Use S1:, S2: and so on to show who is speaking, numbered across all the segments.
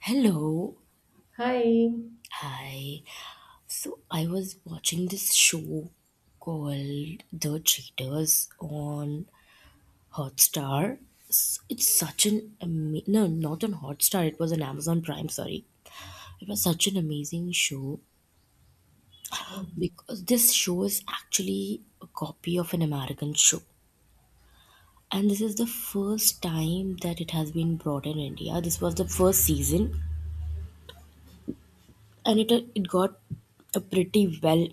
S1: Hello.
S2: Hi.
S1: Hi. So I was watching this show called The Cheaters on Hotstar. It's such an no, not on Hotstar. It was on Amazon Prime. Sorry, it was such an amazing show because this show is actually a copy of an American show, and this is the first time that it has been brought in India. This was the first season, and it got a pretty well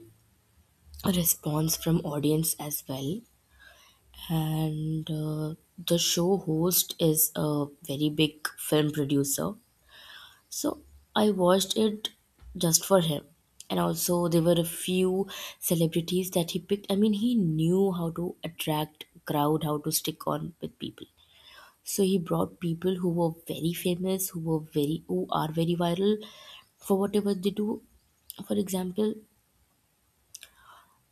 S1: response from audience as well, and the show host is a very big film producer, so I watched it just for him. And also there were a few celebrities that he picked. I mean, he knew how to attract crowd, how to stick on with people, so he brought people who were very famous, who are very viral for whatever they do. For example,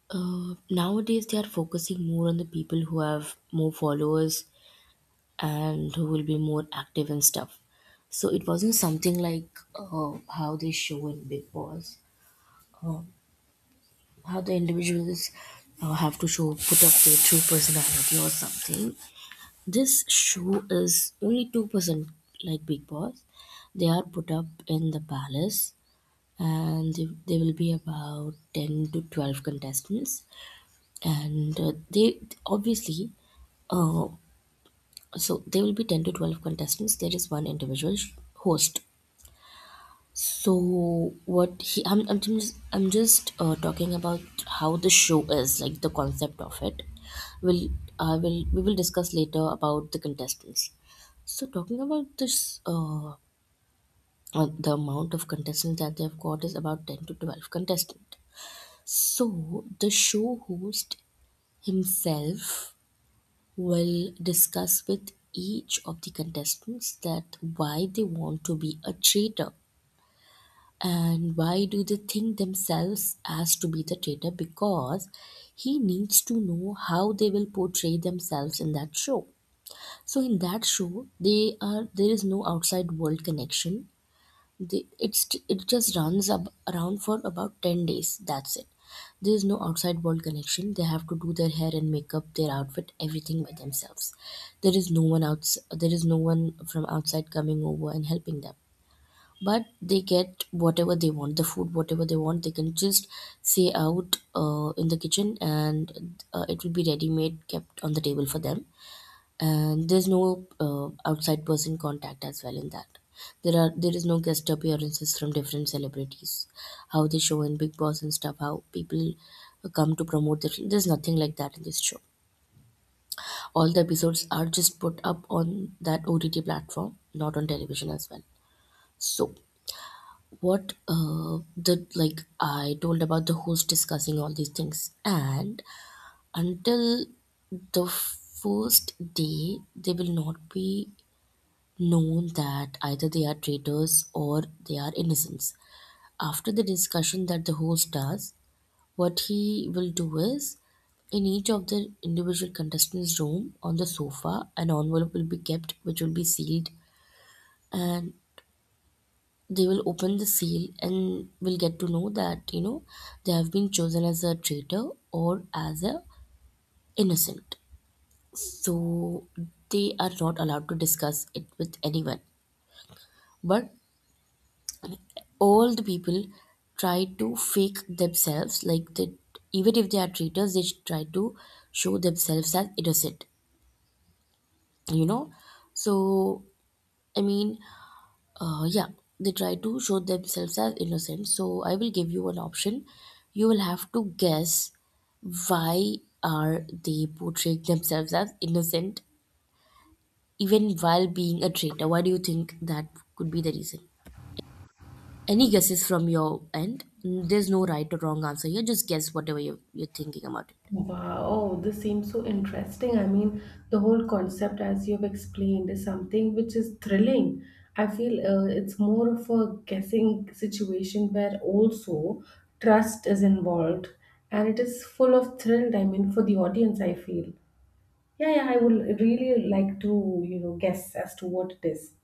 S1: Nowadays, they are focusing more on the people who have more followers and who will be more active and stuff. So it wasn't something like how they show in Big Boss, uh, how the individuals have to show put up their true personality or something. This show is only 2% like Big Boss. They are put up in the palace, and there will be about 10 to 12 contestants, and they obviously uh, so there will be 10 to 12 contestants. There is one individual host. So what he I'm just talking about how the show is, like, the concept of it. Will i will we will discuss later about the contestants. So talking about this, the amount of contestants that they've got is about 10 to 12 contestants. So the show host himself will discuss with each of the contestants that why they want to be a traitor, and why do they think themselves as to be the traitor, because he needs to know how they will portray themselves in that show. So in that show, they are there is no outside world connection. The, it's it just runs around for about 10 days, that's it. There is no outside world connection. They have to do their hair and makeup, their outfit, everything by themselves. There is no one from outside coming over and helping them. But they get whatever they want, the food. Whatever they want, they can just say out in the kitchen, and it will be ready made kept on the table for them. And there's no outside person contact as well in that. There is no guest appearances from different celebrities, how they show in Big Boss and stuff, how people come to promote their film. There's nothing like that in this show. All the episodes are just put up on that OTT platform, not on television as well. So what the like I told, about the host discussing all these things, and until the first day, they will not be known that either they are traitors or they are innocents. After the discussion that the host does, what he will do is, in each of the individual contestants' room, on the sofa, an envelope will be kept which will be sealed, and they will open the seal and will get to know that they have been chosen as a traitor or as a innocent. So they are not allowed to discuss it with anyone, but all the people try to fake themselves, like they even if they are traitors, they should try to show themselves as innocent you know so, I mean, yeah, they try to show themselves as innocent. So I will give you an option. You will have to guess why are they portraying themselves as innocent even while being a traitor. Why do you think that could be the reason? Any guesses from your end? There's no right or wrong answer here. Just guess whatever you're thinking about it.
S2: Wow. Oh, this seems so interesting. I mean, the whole concept, as you've explained, is something which is thrilling. I feel it's more of a guessing situation where also trust is involved, and it is full of thrill. I mean, for the audience, I feel. Yeah, yeah, I would really like to, guess as to what it is.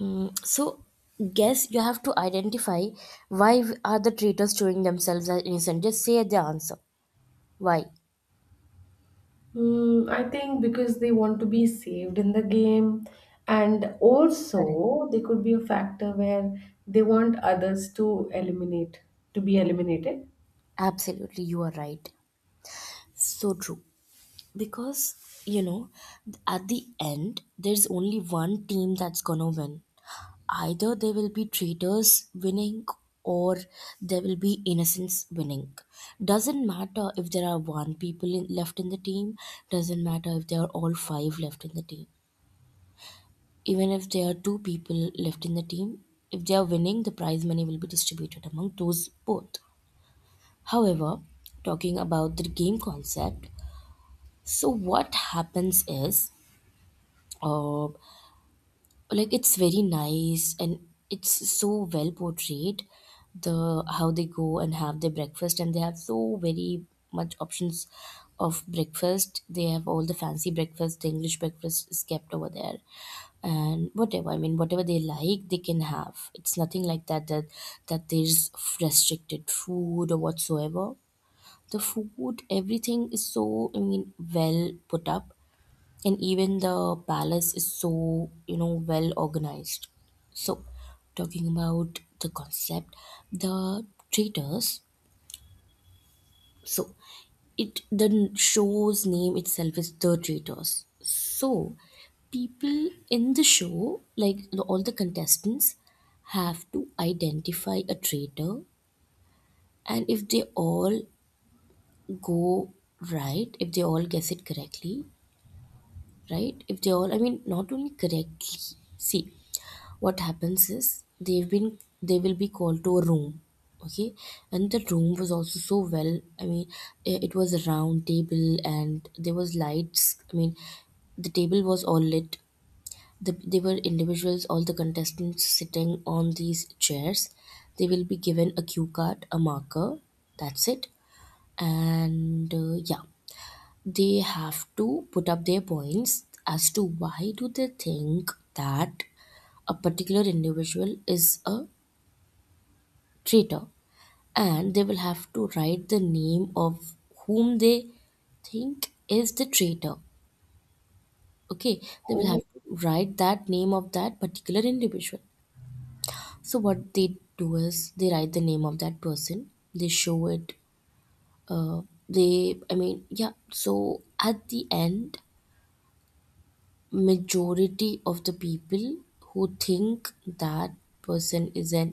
S1: So, guess, you have to identify why are the traitors showing themselves as innocent. Just say the answer. Why?
S2: Mm, I think because they want to be saved in the game, and
S1: Correct.
S2: also there could be a factor where they want others to eliminate, to be eliminated.
S1: Absolutely, you are right. So true. Because, you know, at the end, there's only one team that's gonna win. Either there will be traitors winning, or there will be innocents winning. Doesn't matter if there are one people left in the team, doesn't matter if there are all five left in the team. Even if there are two people left in the team, if they are winning, the prize money will be distributed among those both. However, talking about the game concept, so what happens is, uh, like, it's very nice, and it's so well portrayed. The how they go and have their breakfast, and they have so very much options of breakfast. They have all the fancy breakfast, the English breakfast is kept over there. And whatever, I mean, whatever they like, they can have. It's nothing like that, that there's restricted food or whatsoever. The food, everything is, so I mean, well put up. And even the palace is so well organized. So talking about the concept, the traitors, so it the show's name itself is The Traitors. So people in the show, like all the contestants have to identify a traitor. And if they all go right, if they all guess it correctly, right, if they all, I mean, not only correctly, see, what happens is, they will be called to a room, okay. And the room was also so well, I mean, it was a round table, and there was lights. I mean, the table was all lit. They were individuals, all the contestants sitting on these chairs. They will be given a cue card, a marker, that's it. And yeah, they have to put up their points as to why do they think that a particular individual is a traitor. And they will have to write the name of whom they think is the traitor. Okay, they will have
S2: Oh,
S1: to write that name of that particular individual. So what they do is they write the name of that person, they show it. uh, they, I mean, yeah, so at the end, majority of the people who think that person is an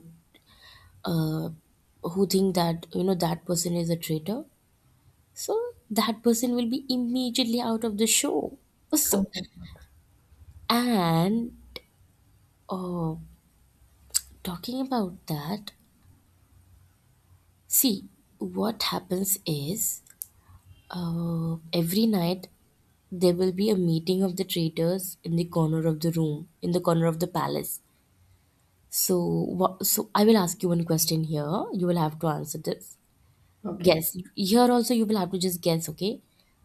S1: uh, who think that that person is a traitor, so that person will be immediately out of the show. So,
S2: oh my God.
S1: and uh, talking about that, see, what happens is, every night there will be a meeting of the traitors in the corner of the room, in the corner of the palace. So, so I will ask you one question here. You will have to answer this.
S2: Okay,
S1: Guess. Here also you will have to just guess, okay?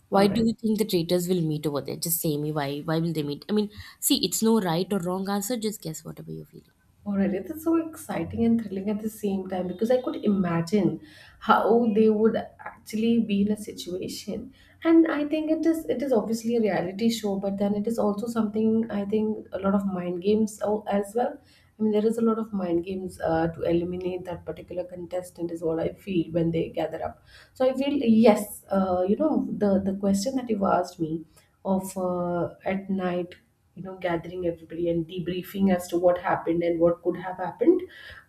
S1: Why
S2: all
S1: do
S2: right.
S1: you think the traitors will meet over there? Just say me why. Why will they meet? I mean, see, it's no right or wrong answer. Just guess whatever you're feeling.
S2: All right, it is so exciting and thrilling at the same time because I could imagine how they would actually be in a situation. And I think it is obviously a reality show, but then it is also something I think a lot of mind games as well. I mean, there is a lot of mind games to eliminate that particular contestant is what I feel when they gather up. So I feel yes, you know, the question that you asked me of at night, you know, gathering everybody and debriefing as to what happened and what could have happened,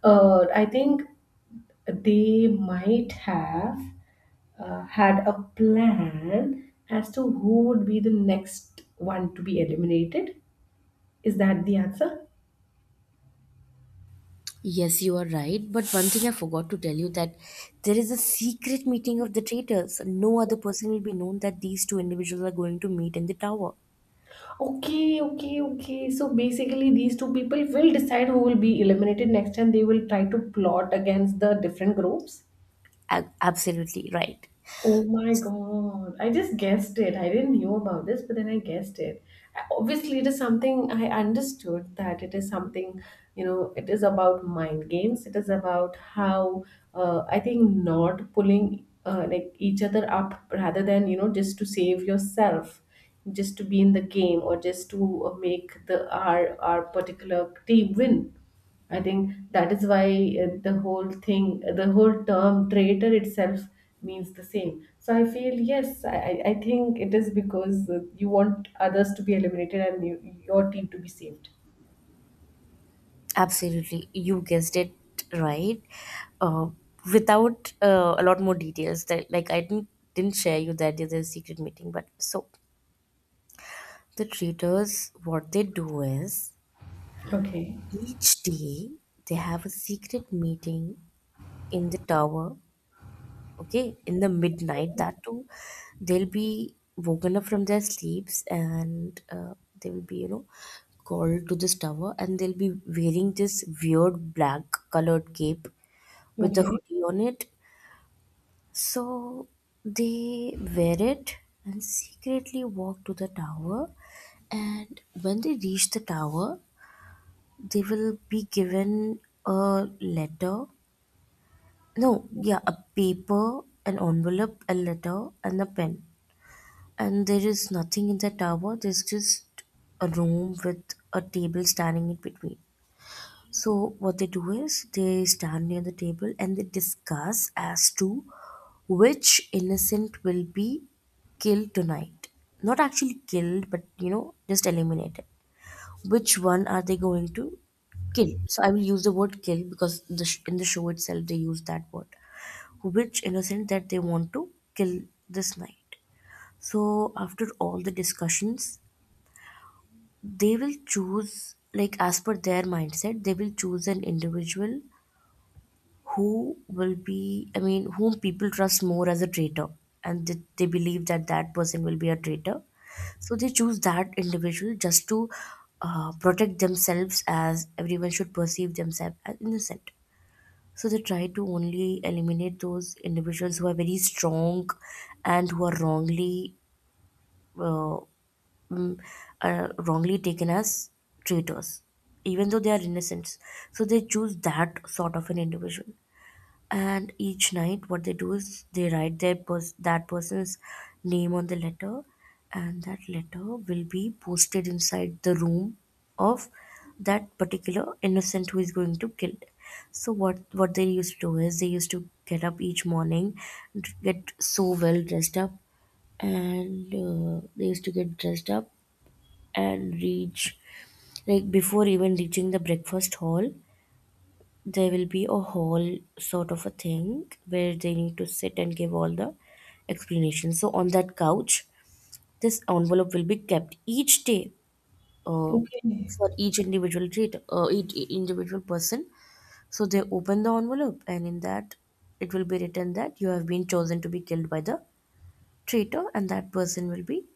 S2: I think they might have had a plan as to who would be the next one to be eliminated. Is that the answer?
S1: Yes, you are right. But one thing I forgot to tell you, that there is a secret meeting of the traitors. No other person will be known that these two individuals are going to meet in the tower.
S2: Okay, okay, okay. So basically these two people will decide who will be eliminated next, and they will try to plot against the different groups.
S1: Absolutely right.
S2: Oh my God. I just guessed it. I didn't know about this, but then I guessed it. Obviously, it is something I understood that it is something, you know, it is about mind games. It is about how I think not pulling like each other up rather than, you know, just to save yourself, just to be in the game or just to make the our particular team win. I think that is why the whole thing, the whole term traitor itself means the same. So I feel, yes, I think it is because you want others to be eliminated and you, your team to be saved.
S1: Absolutely, you guessed it right. Uh, without a lot more details, that like I didn't share you that there's a secret meeting, but so the traders, what they do is,
S2: Okay.
S1: each day they have a secret meeting in the tower. Okay, in the midnight, that too, they'll be woken up from their sleeps, and they will be called to this tower, and they'll be wearing this weird black colored cape with the
S2: Okay.
S1: hoodie on it. So they wear it and secretly walk to the tower. And when they reach the tower, they will be given a letter. No, yeah, a paper, an envelope, a letter, and a pen. And there is nothing in the tower, there's just a room with a table standing in between. So what they do is they stand near the table, and they discuss as to which innocent will be killed tonight. Not actually killed, but just eliminated. Which one are they going to kill? So I will use the word kill because the in the show itself they use that word. Which innocent that they want to kill this night. So after all the discussions, they will choose, like, as per their mindset, they will choose an individual who will be, I mean, whom people trust more as a traitor, and they believe that that person will be a traitor, so they choose that individual just to protect themselves, as everyone should perceive themselves as innocent. So they try to only eliminate those individuals who are very strong and who are wrongly uh, mm, wrongly taken as traitors, even though they are innocents. So they choose that sort of an individual. And each night what they do is they write that person's name on the letter, and that letter will be posted inside the room of that particular innocent who is going to kill. So what they used to do is they used to get up each morning, get so well dressed up, and they used to get dressed up and reach, like, before even reaching the breakfast hall, there will be a hall sort of a thing where they need to sit and give all the explanations. So on that couch, this envelope will be kept each day, uh,
S2: Okay.
S1: for each each individual person. So they open the envelope, and in that, it will be written that you have been chosen to be killed by the traitor, and that person will be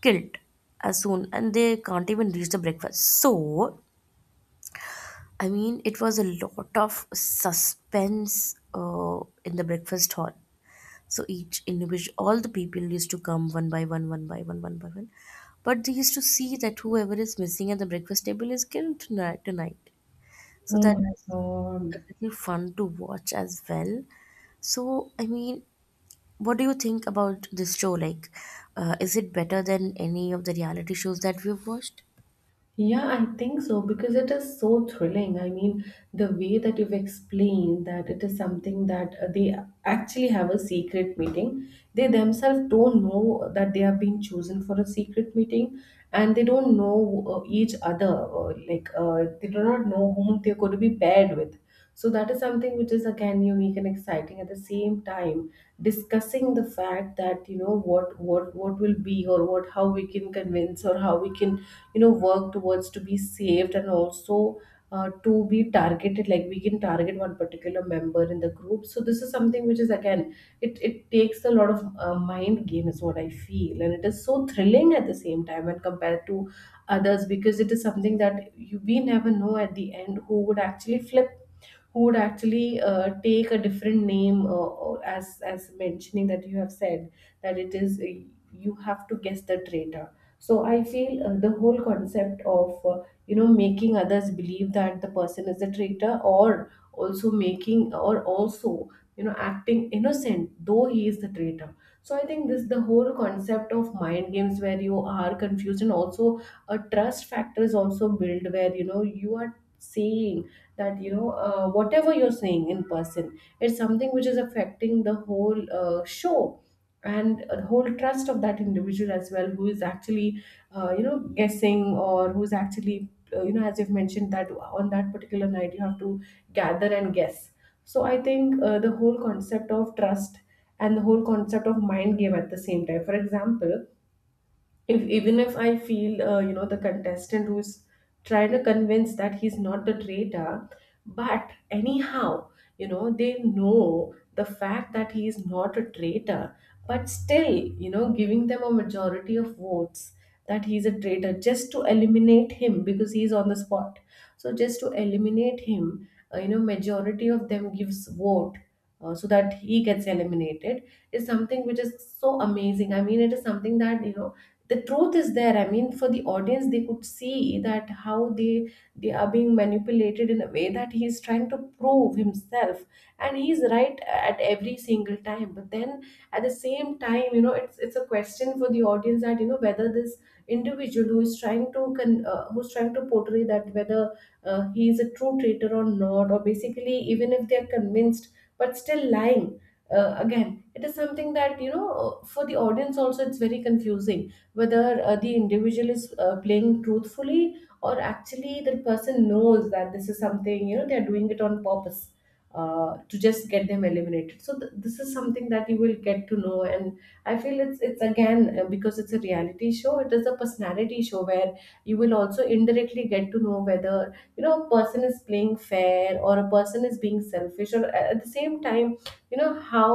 S1: killed as soon, and they can't even reach the breakfast. So I mean, it was a lot of suspense in the breakfast hall. So each individual, all the people used to come one by one, one by one, one by one. But they used to see that whoever is missing at the breakfast table is killed tonight. So
S2: Oh
S1: that
S2: my
S1: was
S2: God.
S1: a little fun to watch as well. So, I mean, what do you think about this show? Like, is it better than any of the reality shows that we've watched?
S2: Yeah, I think so because it is so thrilling. I mean, the way that you've explained that it is something that they actually have a secret meeting. They themselves don't know that they have been chosen for a secret meeting, and they don't know each other. They do not know whom they're going to be paired with. So that is something which is again unique and exciting. At the same time, discussing the fact that, you know, what will be, or what, how we can convince or how we can, you know, work towards to be saved, and also to be targeted. Like, we can target one particular member in the group. So this is something which is again, it takes a lot of mind game is what I feel, and it is so thrilling at the same time when compared to others because it is something that you we never know at the end who would actually flip, who would actually take a different name, or as mentioning that you have said that it is, you have to guess the traitor. So I feel, the whole concept of, you know, making others believe that the person is a traitor, or also making, or also, you know, acting innocent though he is the traitor. So I think this, the whole concept of mind games where you are confused, and also a trust factor is also built where, you know, you are saying that, you know, whatever you're saying in person, it's something which is affecting the whole show and the whole trust of that individual as well, who is actually you know, guessing, or who's actually you know, as you've mentioned that on that particular night you have to gather and guess. So I think the whole concept of trust and the whole concept of mind game at the same time. For example, if even if I feel, you know, the contestant who's trying to convince that he's not the traitor, but anyhow, you know, they know the fact that he is not a traitor, but still, you know, giving them a majority of votes that he's a traitor just to eliminate him because he's on the spot, so just to eliminate him, you know, majority of them gives vote, so that he gets eliminated, is something which is so amazing. I mean, it is something that, you know, the truth is there. I mean, for the audience, they could see that how they are being manipulated in a way that he is trying to prove himself, and he's right at every single time, but then at the same time, you know, it's a question for the audience that, you know, whether this individual who is trying to who's trying to portray that, whether he is a true traitor or not, or basically even if they are convinced but still lying, again it is something that, you know, for the audience also it's very confusing whether the individual is playing truthfully, or actually the person knows that this is something, you know, they're doing it on purpose, to just get them eliminated. So this is something that you will get to know, and I feel it's again because it's a reality show, it is a personality show, where you will also indirectly get to know whether, you know, a person is playing fair or a person is being selfish, or at the same time, you know, how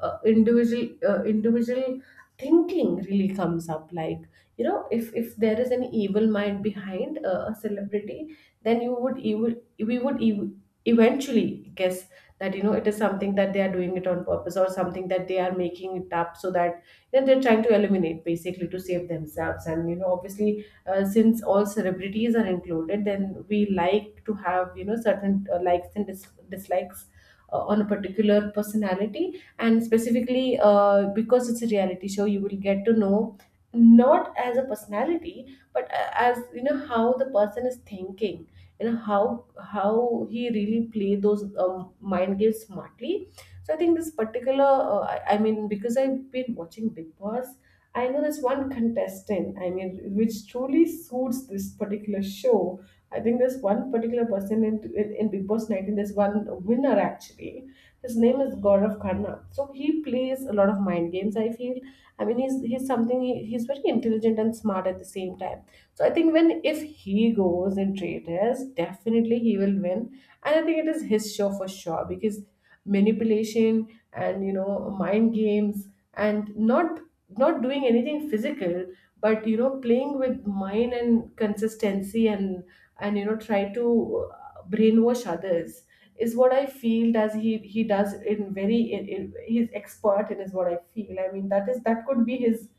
S2: a, a individual, individual thinking really comes up. Like, you know, if there is an evil mind behind a celebrity, then you would you we would eventually guess that, you know, it is something that they are doing it on purpose, or something that they are making it up, so that, you know, they're trying to eliminate basically to save themselves. And, you know, obviously since all celebrities are included, then we like to have, you know, certain likes and dislikes on a particular personality. And specifically, because it's a reality show, you will get to know not as a personality, but as, you know, how the person is thinking. You know how he really play those mind games smartly. So I think this particular I mean, because I've been watching Big Boss, I know there's one contestant, I mean, which truly suits this particular show. I think there's one particular person in, in Big Boss 19. There's one winner actually. His name is Gaurav Khanna. So he plays a lot of mind games, I feel. I mean, he's something, he's very intelligent and smart at the same time. So I think when, if he goes in traders, definitely he will win. And I think it is his show for sure because manipulation and, you know, mind games, and not doing anything physical, but, you know, playing with mind and consistency, and, you know, try to brainwash others is what I feel. Does he does in very in he's expert in, is what I feel. I mean, that is, that could be his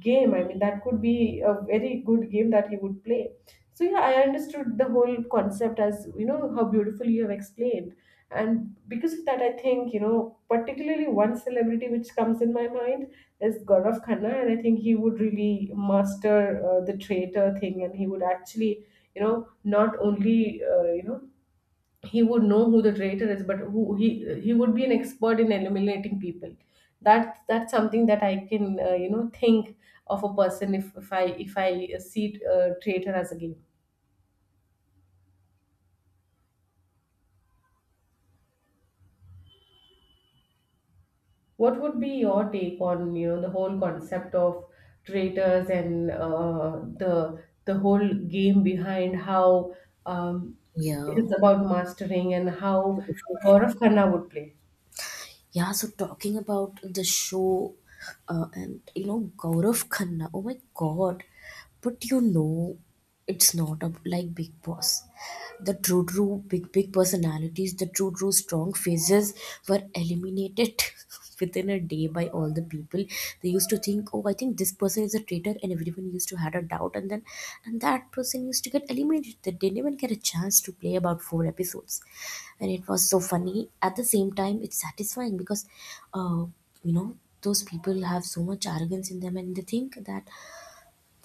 S2: game. I mean, that could be a very good game that he would play. So yeah, I understood the whole concept, as, you know, how beautifully you have explained, and because of that, I think, you know, particularly one celebrity which comes in my mind is Gaurav Khanna, and I think he would really master the traitor thing, and he would actually, you know, not only you know, he would know who the traitor is, but who he would be an expert in eliminating people. That, that's something that I can, you know, think of a person, if I, if I see, traitor as a game. What would be your take on, you know, the whole concept of traitors, and the whole game behind how, um, it
S1: Yeah,
S2: is about mastering and how
S1: beautiful.
S2: Gaurav Khanna would play.
S1: Yeah, so talking about the show and you know Gaurav Khanna. Oh my god. But you know it's not up like Big Boss. The true big personalities, the true strong faces were eliminated within a day by all the people. They used to think, oh, I think this person is a traitor, and everyone used to had a doubt, and then and that person used to get eliminated. They didn't even get a chance to play about four episodes, and it was so funny. At the same time it's satisfying because uh, you know, those people have so much arrogance in them and they think that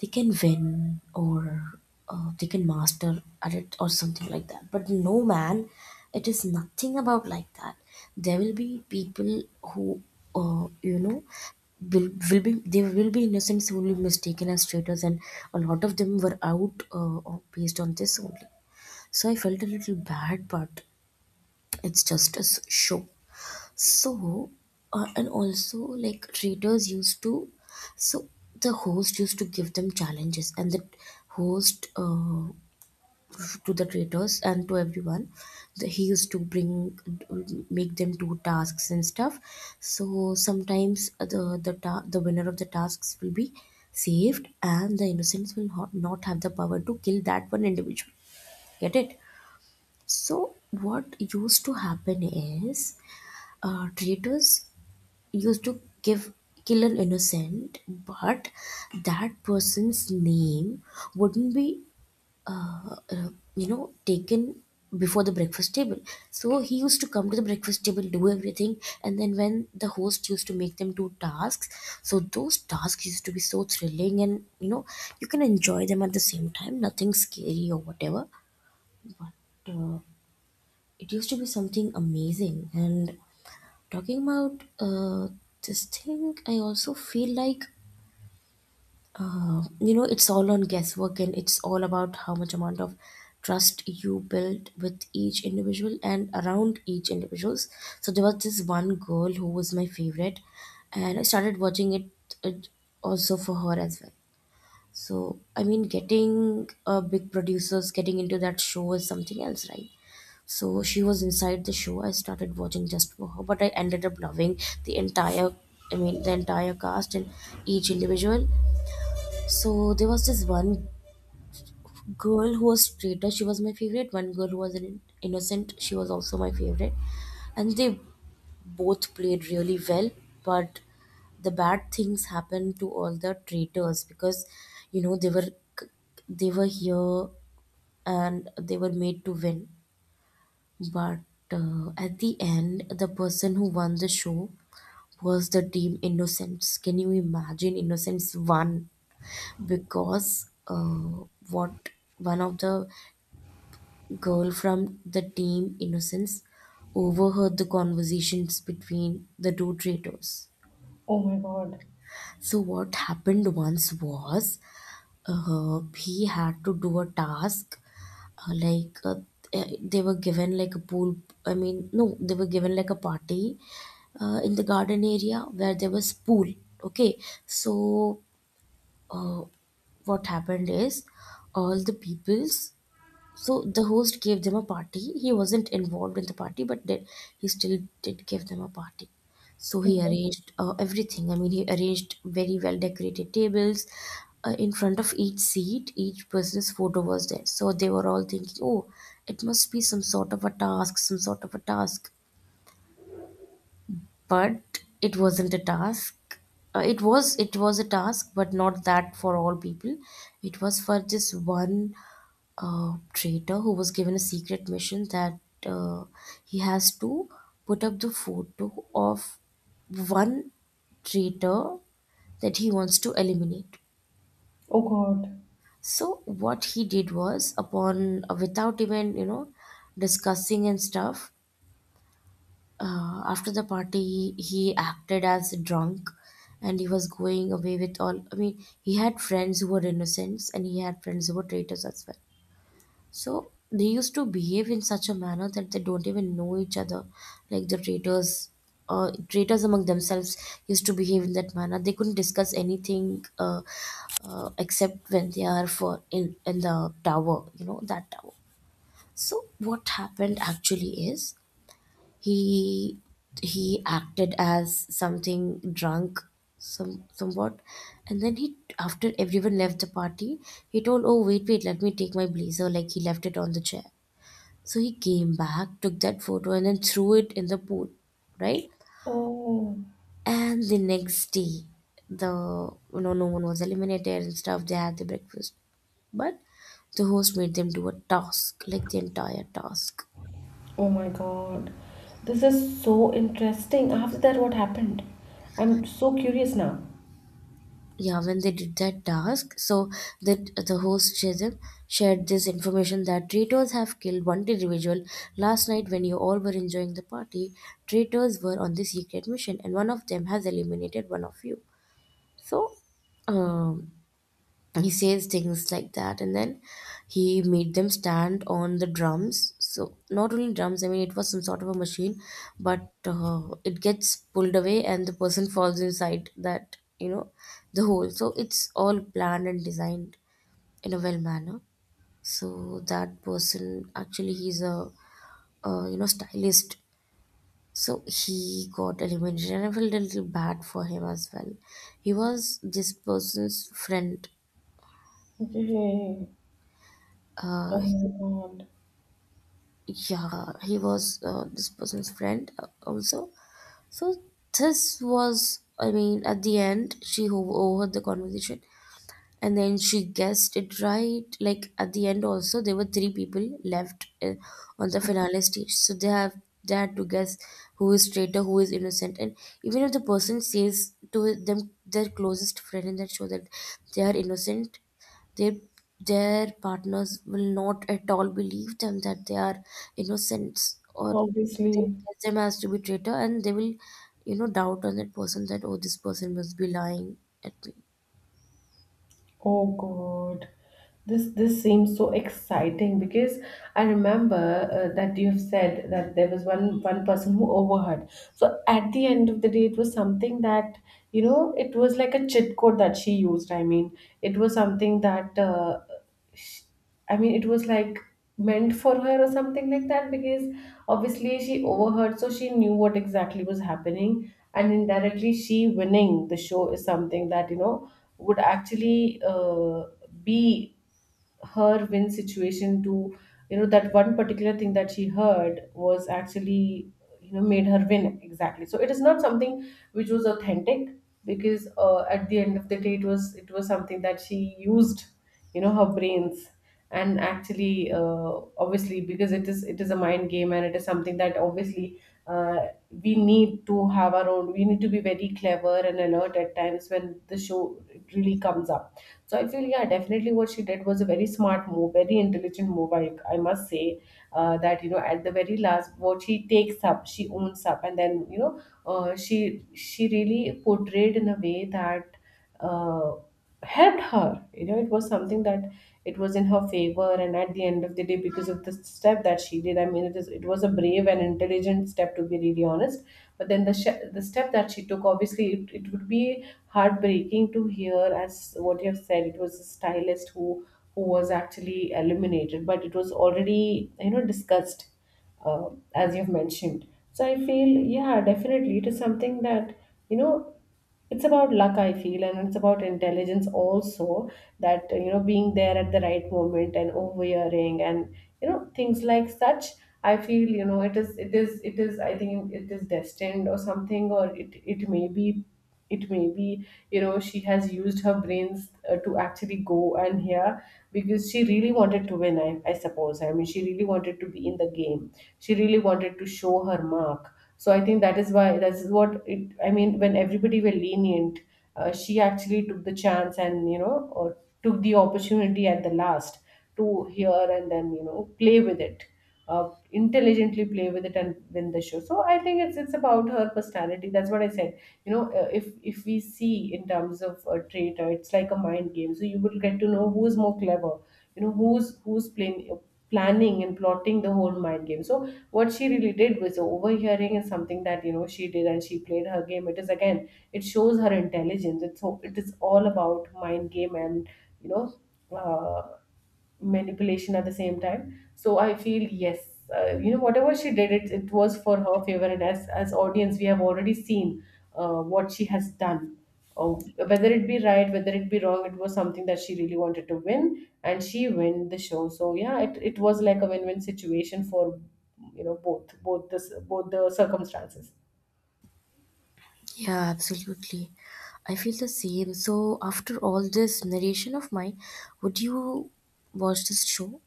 S1: they can win, or they can master at it or something like that. But no man, it is nothing about like that. There will be people who you know, will be they will be innocents who will be mistaken as traitors, and a lot of them were out based on this only. So I felt a little bad, but it's just a show. So and also, like, traders used to, so the host used to give them challenges, and the host to the traders and to everyone, he used to bring, make them do tasks and stuff. So sometimes the winner of the tasks will be saved, and the innocents will not have the power to kill that one individual, get it? So what used to happen is traitors used to give, kill an innocent, but that person's name wouldn't be uh, uh, you know, taken before the breakfast table. So he used to come to the breakfast table, do everything, and then when the host used to make them do tasks, so those tasks used to be so thrilling, and you know, you can enjoy them at the same time. Nothing scary or whatever, but it used to be something amazing. And talking about this thing, I also feel like you know, it's all on guesswork, and it's all about how much amount of trust you build with each individual and around each individuals. So there was this one girl who was my favorite, and I started watching it, it also for her as well. So I mean, getting big producers getting into that show is something else, right? So she was inside the show. I started watching just for her, but I ended up loving the entire, I mean, the entire cast and each individual. So there was this one girl who was traitor. She was my favorite. One girl who was an innocent. She was also my favorite, and they both played really well. But the bad things happened to all the traitors because, you know, they were here, and they were made to win. But at the end, the person who won the show was the team Innocence. Can you imagine Innocence won? Because what one of the girl from the team Innocence overheard the conversations between the two traitors.
S2: Oh my god.
S1: So what happened once was, he had to do a task, uh, like uh, they were given like a pool, I mean no, they were given like a party in the garden area where there was pool, okay. So uh, what happened is, all the peoples, so the host gave them a party. He wasn't involved in the party, but then he still did give them a party. So
S2: Okay.
S1: he arranged everything. I mean, he arranged very well decorated tables. In front of each seat, each person's photo was there. So they were all thinking, oh, it must be some sort of a task, but it wasn't a task. Uh, it was a task, but not that for all people. It was for this one traitor who was given a secret mission, that uh, he has to put up the photo of one traitor that he wants to eliminate.
S2: Oh god.
S1: So what he did was, upon without even, you know, discussing and stuff, after the party he acted as drunk, and he was going away with all, I mean, he had friends who were innocents, and he had friends who were traitors as well. So they used to behave in such a manner that they don't even know each other, like the traitors, traitors among themselves used to behave in that manner. They couldn't discuss anything, except when they are for in the tower, you know, that tower. So what happened actually is, he he acted as something drunk, some somewhat, and then he after everyone left the party, he told, oh, wait wait, let me take my blazer, like he left it on the chair. So he came back, took that photo, and then threw it in the pool, right?
S2: Oh.
S1: And the next day, the, you know, no one was eliminated and stuff, they had the breakfast, but the host made them do a task, like the entire task.
S2: Oh my God. This is so interesting. After that, what happened? I'm so curious now.
S1: Yeah, when they did that task, so that the host Shazam shared this information that traitors have killed one individual last night when you all were enjoying the party. Traitors were on the secret mission, and one of them has eliminated one of you. So, um, he says things like that, and then he made them stand on the drums, so not only drums, I mean, it was some sort of a machine, but it gets pulled away, and the person falls inside that, you know, the hole. So it's all planned and designed in a well manner. So that person actually, he's a you know, stylist. So he got eliminated, and I felt a little bad for him as well. He was this person's friend.
S2: Okay.
S1: Uh,
S2: Oh my God.
S1: yeah, he was, this person's friend, also. So this was, I mean, at the end, she overheard the conversation, and then she guessed it right. Like at the end also, there were three people left on the finale stage. So they have, they had to guess who is traitor, who is innocent. And even if the person says to them, their closest friend in that show, that they are innocent, their their partners will not at all believe them that they are innocents, or they
S2: Obviously.
S1: guess them as to be traitor, and they will, you know, doubt on that person that, oh, this person must be lying at me.
S2: Oh God. This seems so exciting because I remember that you have said that there was one, one person who overheard. So at the end of the day, it was something that, you know, it was like a cheat code that she used. I mean, it was something that sh it was like meant for her or something like that because obviously she overheard, so she knew what exactly was happening, and indirectly, she winning the show is something that would actually be her win situation. To you know That one particular thing that she heard was actually made her win exactly, so it is not something which was authentic, because at the end of the day it was something that she used, her brains. And actually, obviously, because it is a mind game, and it is something that obviously we need to have our own, we need to be very clever and alert at times when the show it really comes up. So I feel, yeah, definitely what she did was a very smart move, very intelligent move. I must say that at the very last, what she takes up, she owns up, and then she really portrayed in a way that uh, helped her. You know, it was something that it was in her favor, and at the end of the day, because of the step that she did, I mean, it was a brave and intelligent step, to be really honest. But then the step that she took, obviously it would be heartbreaking to hear, as what you have said, it was a stylist who was actually eliminated, but it was already, you know, discussed, uh, as you've mentioned. So I feel, yeah, definitely it is something that, you know, it's about luck, I feel, and it's about intelligence also. That you know, being there at the right moment and overhearing, and you know, things like such. I feel, you know, it is I think it is destined, or something, or it may be, it may be, you know, she has used her brains to actually go and hear, because she really wanted to win, I suppose. I mean, she really wanted to be in the game, she really wanted to show her mark. So I think that is why, that is what it, I mean, when everybody were lenient, she actually took the chance, and you know, or took the opportunity at the last to hear, and then you know, play with it, intelligently play with it and win the show. So I think it's about her personality. That's what I said. You know, if we see in terms of a trait, it's like a mind game, so you will get to know who's more clever, you know, who's playing, planning and plotting the whole mind game. So what she really did was overhearing is something that, you know, she did, and she played her game. It is, again, it shows her intelligence. It's, so it is all about mind game and, you know, uh, manipulation at the same time. So I feel, yes, you know, whatever she did, it was for her favor, and as audience, we have already seen what she has done. Oh, whether it be right, whether it be wrong, it was something that she really wanted to win, and she win the show. So yeah, it was like a win win situation for, you know, both both the circumstances.
S1: Yeah, absolutely. I feel the same. So, after all this narration of mine, would you watch this show?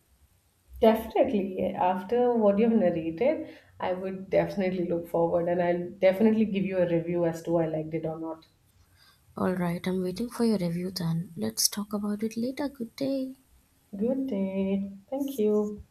S2: Definitely, after what you've narrated, I would definitely look forward, and I'll definitely give you a review as to I liked it or not.
S1: All right, I'm waiting for your review then. Let's talk about it later. Good day.
S2: Good day. Thank you.